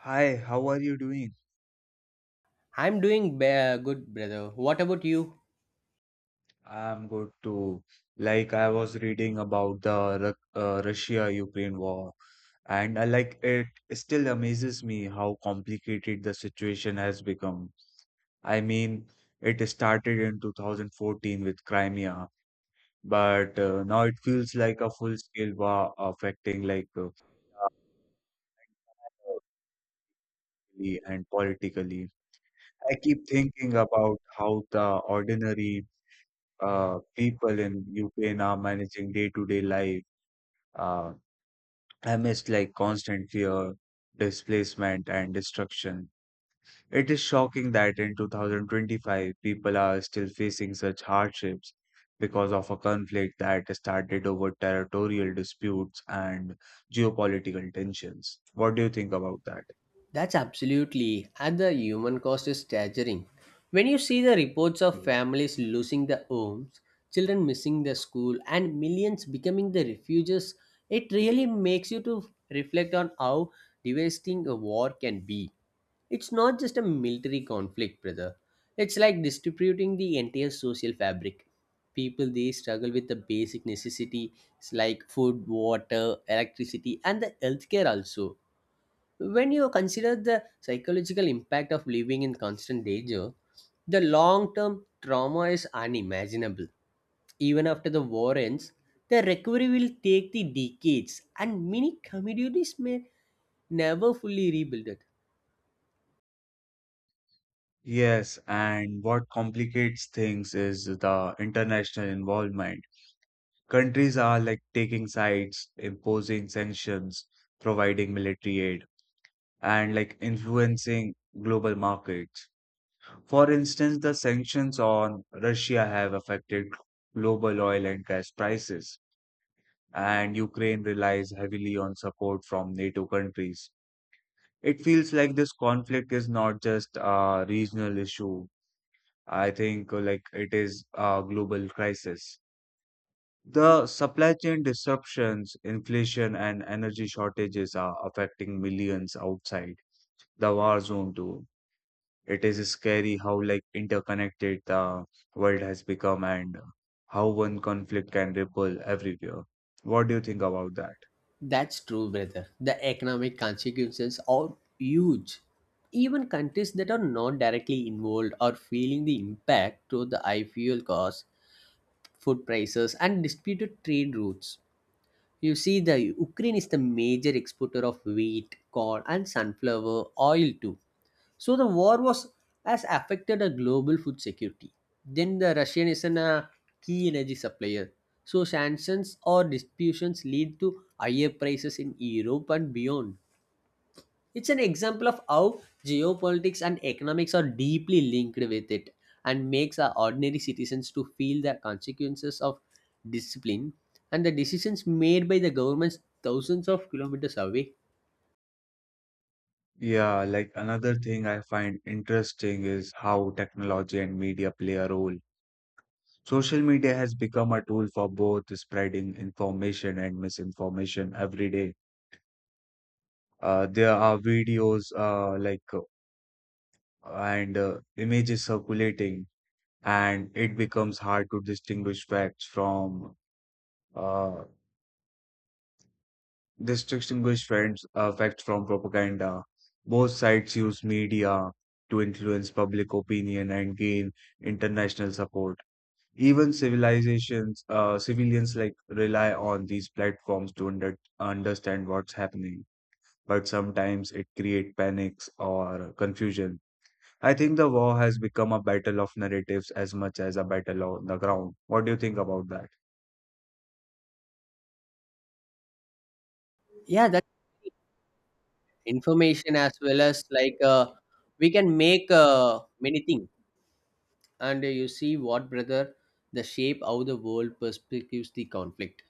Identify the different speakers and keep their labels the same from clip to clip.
Speaker 1: Hi, how are you doing?
Speaker 2: I'm doing good, brother. What about you?
Speaker 1: I'm good too. Like I was reading about the Russia-Ukraine war, and I like it still amazes me how complicated the situation has become. I mean, it started in 2014 with Crimea, but now it feels like a full-scale war affecting like and politically. I keep thinking about how the ordinary people in Ukraine are managing day-to-day life uh, amidst like constant fear, displacement, and destruction. It is shocking that in 2025, people are still facing such hardships because of a conflict that started over territorial disputes and geopolitical tensions. What do you think about that?
Speaker 2: That's absolutely, and the human cost is staggering. When you see the reports of families losing their homes, children missing their school, and millions becoming the refugees, it really makes you to reflect on how devastating a war can be. It's not just a military conflict, brother. It's like distributing the entire social fabric. People they struggle with the basic necessities like food, water, electricity, and the healthcare also when you consider the psychological impact of living in constant danger, the long term trauma is unimaginable. Even after the war ends, the recovery will take the decades, and many communities may never fully rebuild it.
Speaker 1: Yes, and what complicates things is the international involvement. Countries are like taking sides, imposing sanctions, providing military aid, and like influencing global markets. For instance, the sanctions on Russia have affected global oil and gas prices, and Ukraine relies heavily on support from NATO countries. It feels like this conflict is not just a regional issue. I think like it is a global crisis. The supply chain disruptions, inflation, and energy shortages are affecting millions outside the war zone too. It is scary how like interconnected the world has become and how one conflict can ripple everywhere. What do you think about that?
Speaker 2: That's true, brother. The economic consequences are huge. Even countries that are not directly involved are feeling the impact through the high fuel costs, food prices, and disputed trade routes. You see, the Ukraine is the major exporter of wheat, corn, and sunflower oil too. So the war was has affected a global food security. Then the Russian is an, a key energy supplier. So sanctions or disputes lead to higher prices in Europe and beyond. It's an example of how geopolitics and economics are deeply linked with it and makes our ordinary citizens to feel the consequences of discipline and the decisions made by the governments thousands of kilometers away.
Speaker 1: Yeah, like another thing I find interesting is how technology and media play a role. Social media has become a tool for both spreading information and misinformation every day. There are videos like and images circulating, and it becomes hard to distinguish facts from uh, facts from propaganda. Both sides use media to influence public opinion and gain international support. Even civilians like rely on these platforms to understand what's happening, but sometimes it creates panics or confusion. I think the war has become a battle of narratives as much as a battle on the ground. What do you think about that?
Speaker 2: Yeah, that information as well as we can make many things. And you see what brother the shape how the world perspectives the conflict,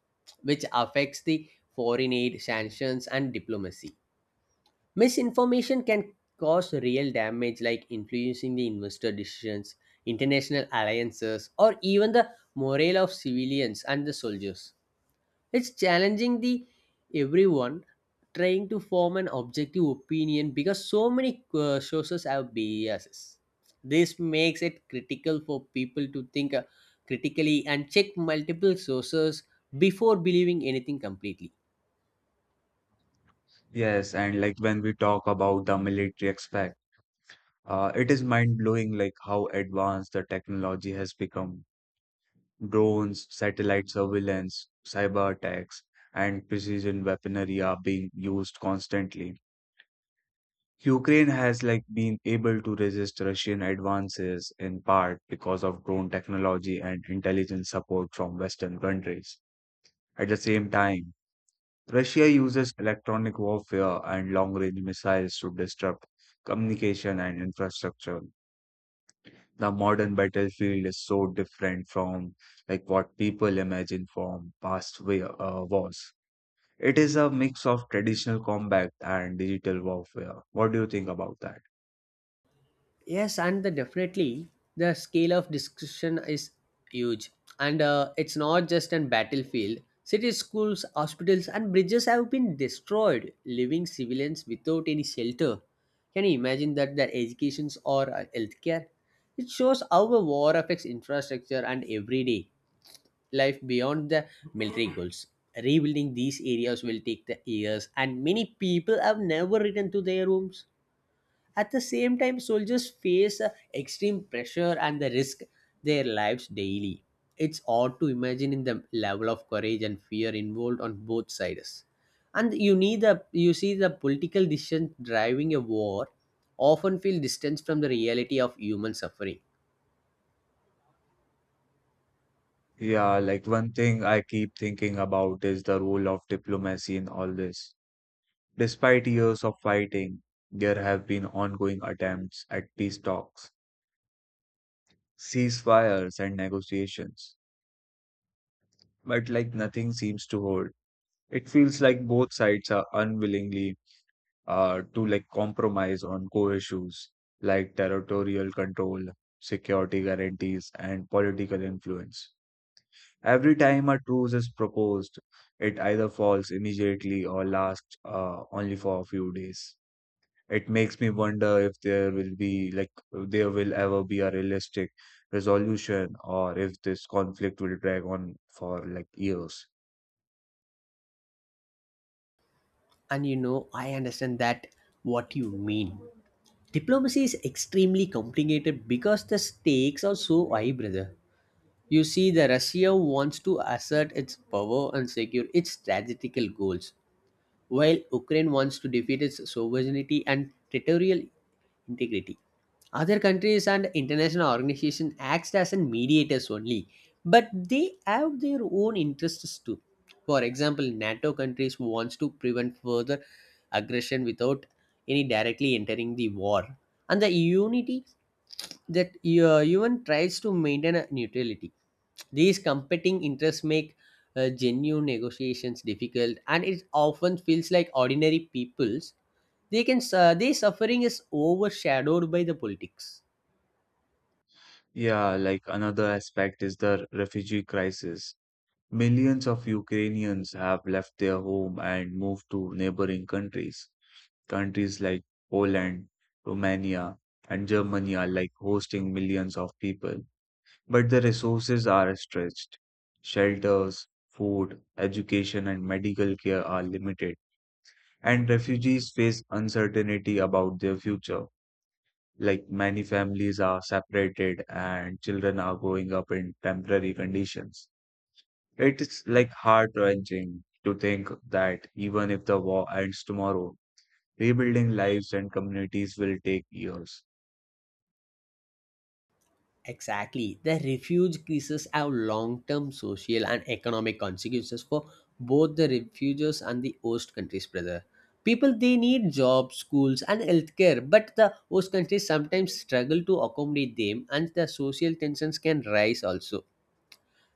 Speaker 2: which affects the foreign aid sanctions and diplomacy. Misinformation can cause real damage, like influencing the investor decisions, international alliances, or even the morale of civilians and the soldiers. It's challenging the everyone trying to form an objective opinion because so many sources have biases. This makes it critical for people to think critically and check multiple sources before believing anything completely.
Speaker 1: Yes, and like when we talk about the military aspect, it is mind-blowing like how advanced the technology has become. Drones, satellite surveillance, cyber attacks, and precision weaponry are being used constantly. Ukraine has like been able to resist Russian advances in part because of drone technology and intelligence support from Western countries. At the same time, Russia uses electronic warfare and long-range missiles to disrupt communication and infrastructure. The modern battlefield is so different from like what people imagine from past wars. It is a mix of traditional combat and digital warfare. What do you think about that?
Speaker 2: Yes, and the definitely the scale of discussion is huge, and it's not just an battlefield. Cities, schools, hospitals, and bridges have been destroyed, leaving civilians without any shelter. Can you imagine that their educations or healthcare? It shows how a war affects infrastructure and everyday life beyond the military goals. Rebuilding these areas will take the years, and many people have never returned to their homes. At the same time, soldiers face extreme pressure and they risk their lives daily. It's odd to imagine in the level of courage and fear involved on both sides. And you see the political decisions driving a war often feel distance from the reality of human suffering.
Speaker 1: Yeah, like one thing I keep thinking about is the role of diplomacy in all this. Despite years of fighting, there have been ongoing attempts at peace talks, ceasefires and negotiations, but like nothing seems to hold. It feels like both sides are unwillingly to like compromise on core issues like territorial control, security guarantees, and political influence. Every time a truce is proposed, it either falls immediately or lasts only for a few days. It makes me wonder if there will ever be a realistic resolution or if this conflict will drag on for like years.
Speaker 2: And you know, I understand that what you mean. Diplomacy is extremely complicated because the stakes are so high, brother. You see, the Russia wants to assert its power and secure its strategical goals, while Ukraine wants to defeat its sovereignty and territorial integrity. Other countries and international organizations act as an mediators only, but they have their own interests too. For example, NATO countries wants to prevent further aggression without any directly entering the war, and the unity that even tries to maintain a neutrality. These competing interests make genuine negotiations difficult, and it often feels like ordinary people's they can their suffering is overshadowed by the politics.
Speaker 1: Yeah, like another aspect is the refugee crisis. Millions of Ukrainians have left their home and moved to neighboring countries. Countries like Poland, Romania, and Germany are like hosting millions of people. But the resources are stretched. Shelters, food, education, and medical care are limited, and refugees face uncertainty about their future. Like many families are separated and children are growing up in temporary conditions. It is like heart-wrenching to think that even if the war ends tomorrow, rebuilding lives and communities will take years.
Speaker 2: Exactly. The refuge crisis have long-term social and economic consequences for both the refugees and the host countries, brother. People they need jobs, schools, and healthcare, but the host countries sometimes struggle to accommodate them, and the social tensions can rise also.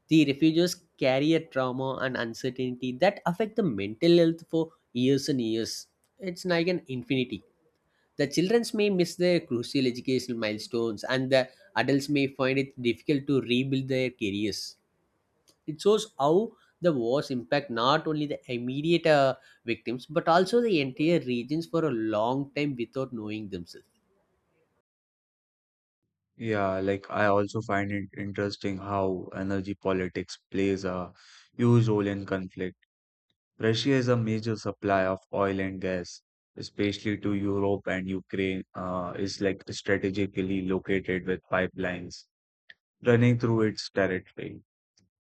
Speaker 2: The refugees carry a trauma and uncertainty that affect the mental health for years and years. It's like an infinity. The children may miss their crucial educational milestones, and the adults may find it difficult to rebuild their careers. It shows how the wars impact not only the immediate victims but also the entire regions for a long time without knowing themselves.
Speaker 1: Yeah, like I also find it interesting how energy politics plays a huge role in conflict. Russia is a major supply of oil and gas, especially to Europe, and Ukraine is like strategically located with pipelines running through its territory.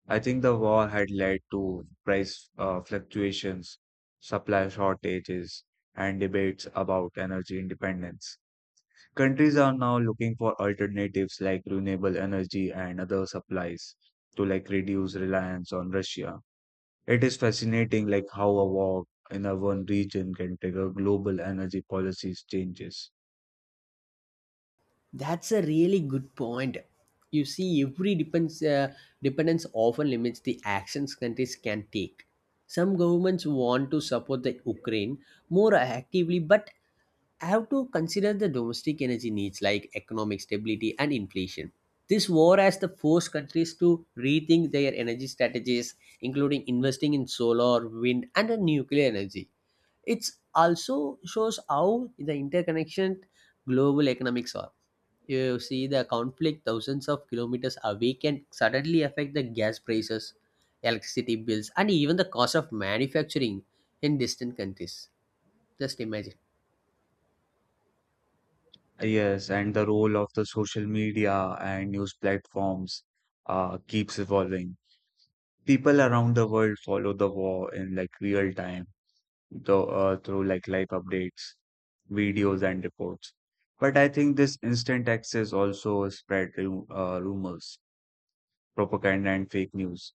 Speaker 1: I think the war had led to price fluctuations, supply shortages, and debates about energy independence. Countries are now looking for alternatives like renewable energy and other supplies to like reduce reliance on Russia. It is fascinating like how a war in a one region can trigger global energy policies changes.
Speaker 2: That's a really good point. You see, dependence often limits the actions countries can take. Some governments want to support the Ukraine more actively, but I have to consider the domestic energy needs like economic stability and inflation. This war has the forced countries to rethink their energy strategies, including investing in solar, wind, and nuclear energy. It also shows how the interconnection global economics are. You see the conflict thousands of kilometers away can suddenly affect the gas prices, electricity bills, and even the cost of manufacturing in distant countries. Just imagine.
Speaker 1: Yes, and the role of the social media and news platforms keeps evolving. People around the world follow the war in like real time though, through like live updates, videos, and reports. But I think this instant access also spread rumors, propaganda, and fake news.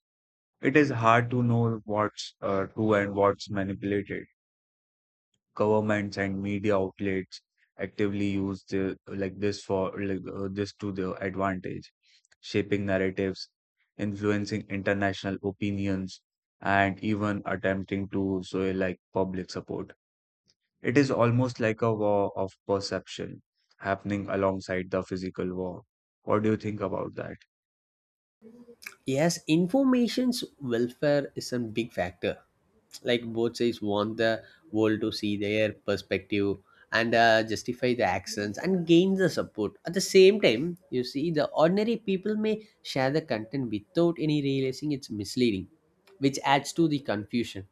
Speaker 1: It is hard to know what's true and what's manipulated. Governments and media outlets actively use the, like this to their advantage, shaping narratives, influencing international opinions, and even attempting to sow like public support. It is almost like a war of perception happening alongside the physical war. What do you think about that?
Speaker 2: Yes, information's welfare is a big factor. Like both sides want the world to see their perspective and justify the actions and gain the support. At the same time, you see, the ordinary people may share the content without any realizing it's misleading, which adds to the confusion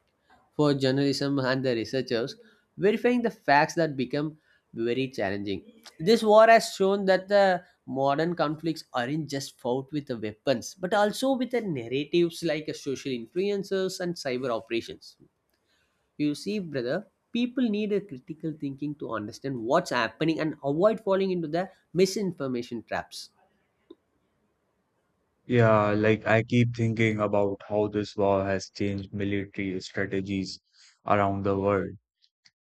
Speaker 2: for journalism and the researchers, verifying the facts that become very challenging. This war has shown that the modern conflicts aren't just fought with the weapons, but also with the narratives like social influencers and cyber operations. You see, brother, people need a critical thinking to understand what's happening and avoid falling into the misinformation traps.
Speaker 1: Yeah, like I keep thinking about how this war has changed military strategies around the world.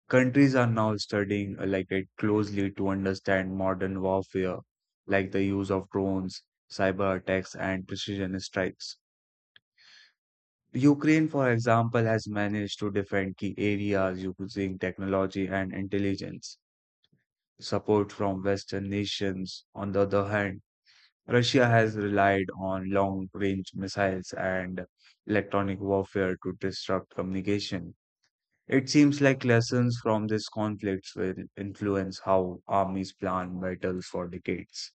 Speaker 1: Countries are now studying like it closely to understand modern warfare, like the use of drones, cyber attacks, and precision strikes. Ukraine, for example, has managed to defend key areas using technology and intelligence support from Western nations. On the other hand, Russia has relied on long range missiles and electronic warfare to disrupt communication. It seems like lessons from these conflicts will influence how armies plan battles for decades.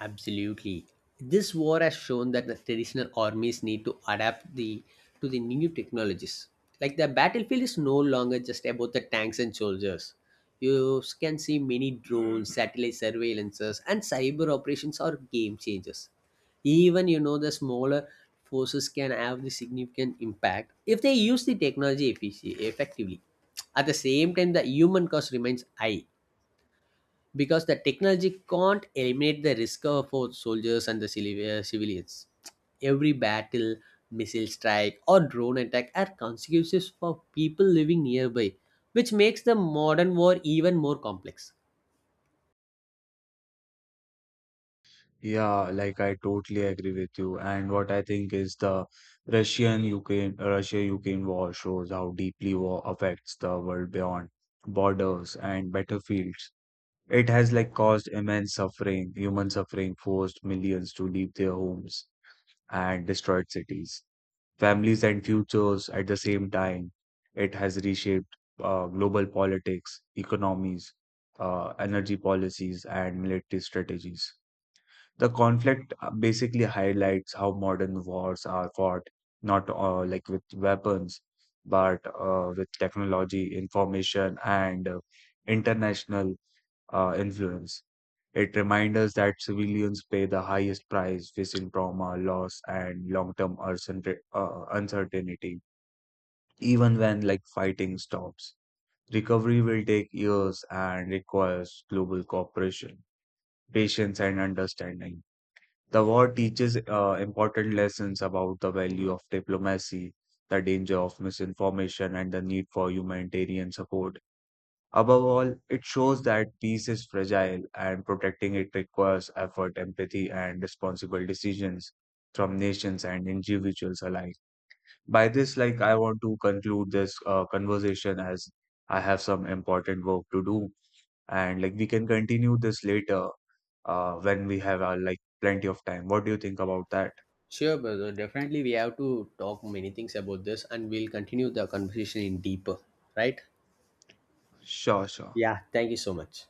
Speaker 2: Absolutely. This war has shown that the traditional armies need to adapt the to the new technologies. Like the battlefield is no longer just about the tanks and soldiers. You can see many drones, satellite surveillances, and cyber operations are game changers. Even you know the smaller forces can have the significant impact if they use the technology effectively. At the same time, the human cost remains high because the technology can't eliminate the risk of both soldiers and the civilians. Every battle, missile strike, or drone attack are consequences for people living nearby, which makes the modern war even more complex.
Speaker 1: Yeah, like I totally agree with you. And what I think is the Russia Ukraine war shows how deeply war affects the world beyond borders and battlefields. It has like caused immense suffering, human suffering, forced millions to leave their homes and destroyed cities, families and futures at the same time. It has reshaped global politics, economies, energy policies, and military strategies. The conflict basically highlights how modern wars are fought, not like with weapons, but with technology, information, and international influence. It reminds us that civilians pay the highest price, facing trauma, loss, and long-term uncertainty, even when like fighting stops. Recovery will take years and requires global cooperation, patience, and understanding. The war teaches important lessons about the value of diplomacy, the danger of misinformation, and the need for humanitarian support. Above all, it shows that peace is fragile and protecting it requires effort, empathy, and responsible decisions from nations and individuals alike. By this, like, I want to conclude this conversation as I have some important work to do, and like, we can continue this later when we have like plenty of time. What do you think about that?
Speaker 2: Sure, brother. Definitely, we have to talk many things about this, and we'll continue the conversation in deeper. Right?
Speaker 1: Sure, sure.
Speaker 2: Yeah. Thank you so much.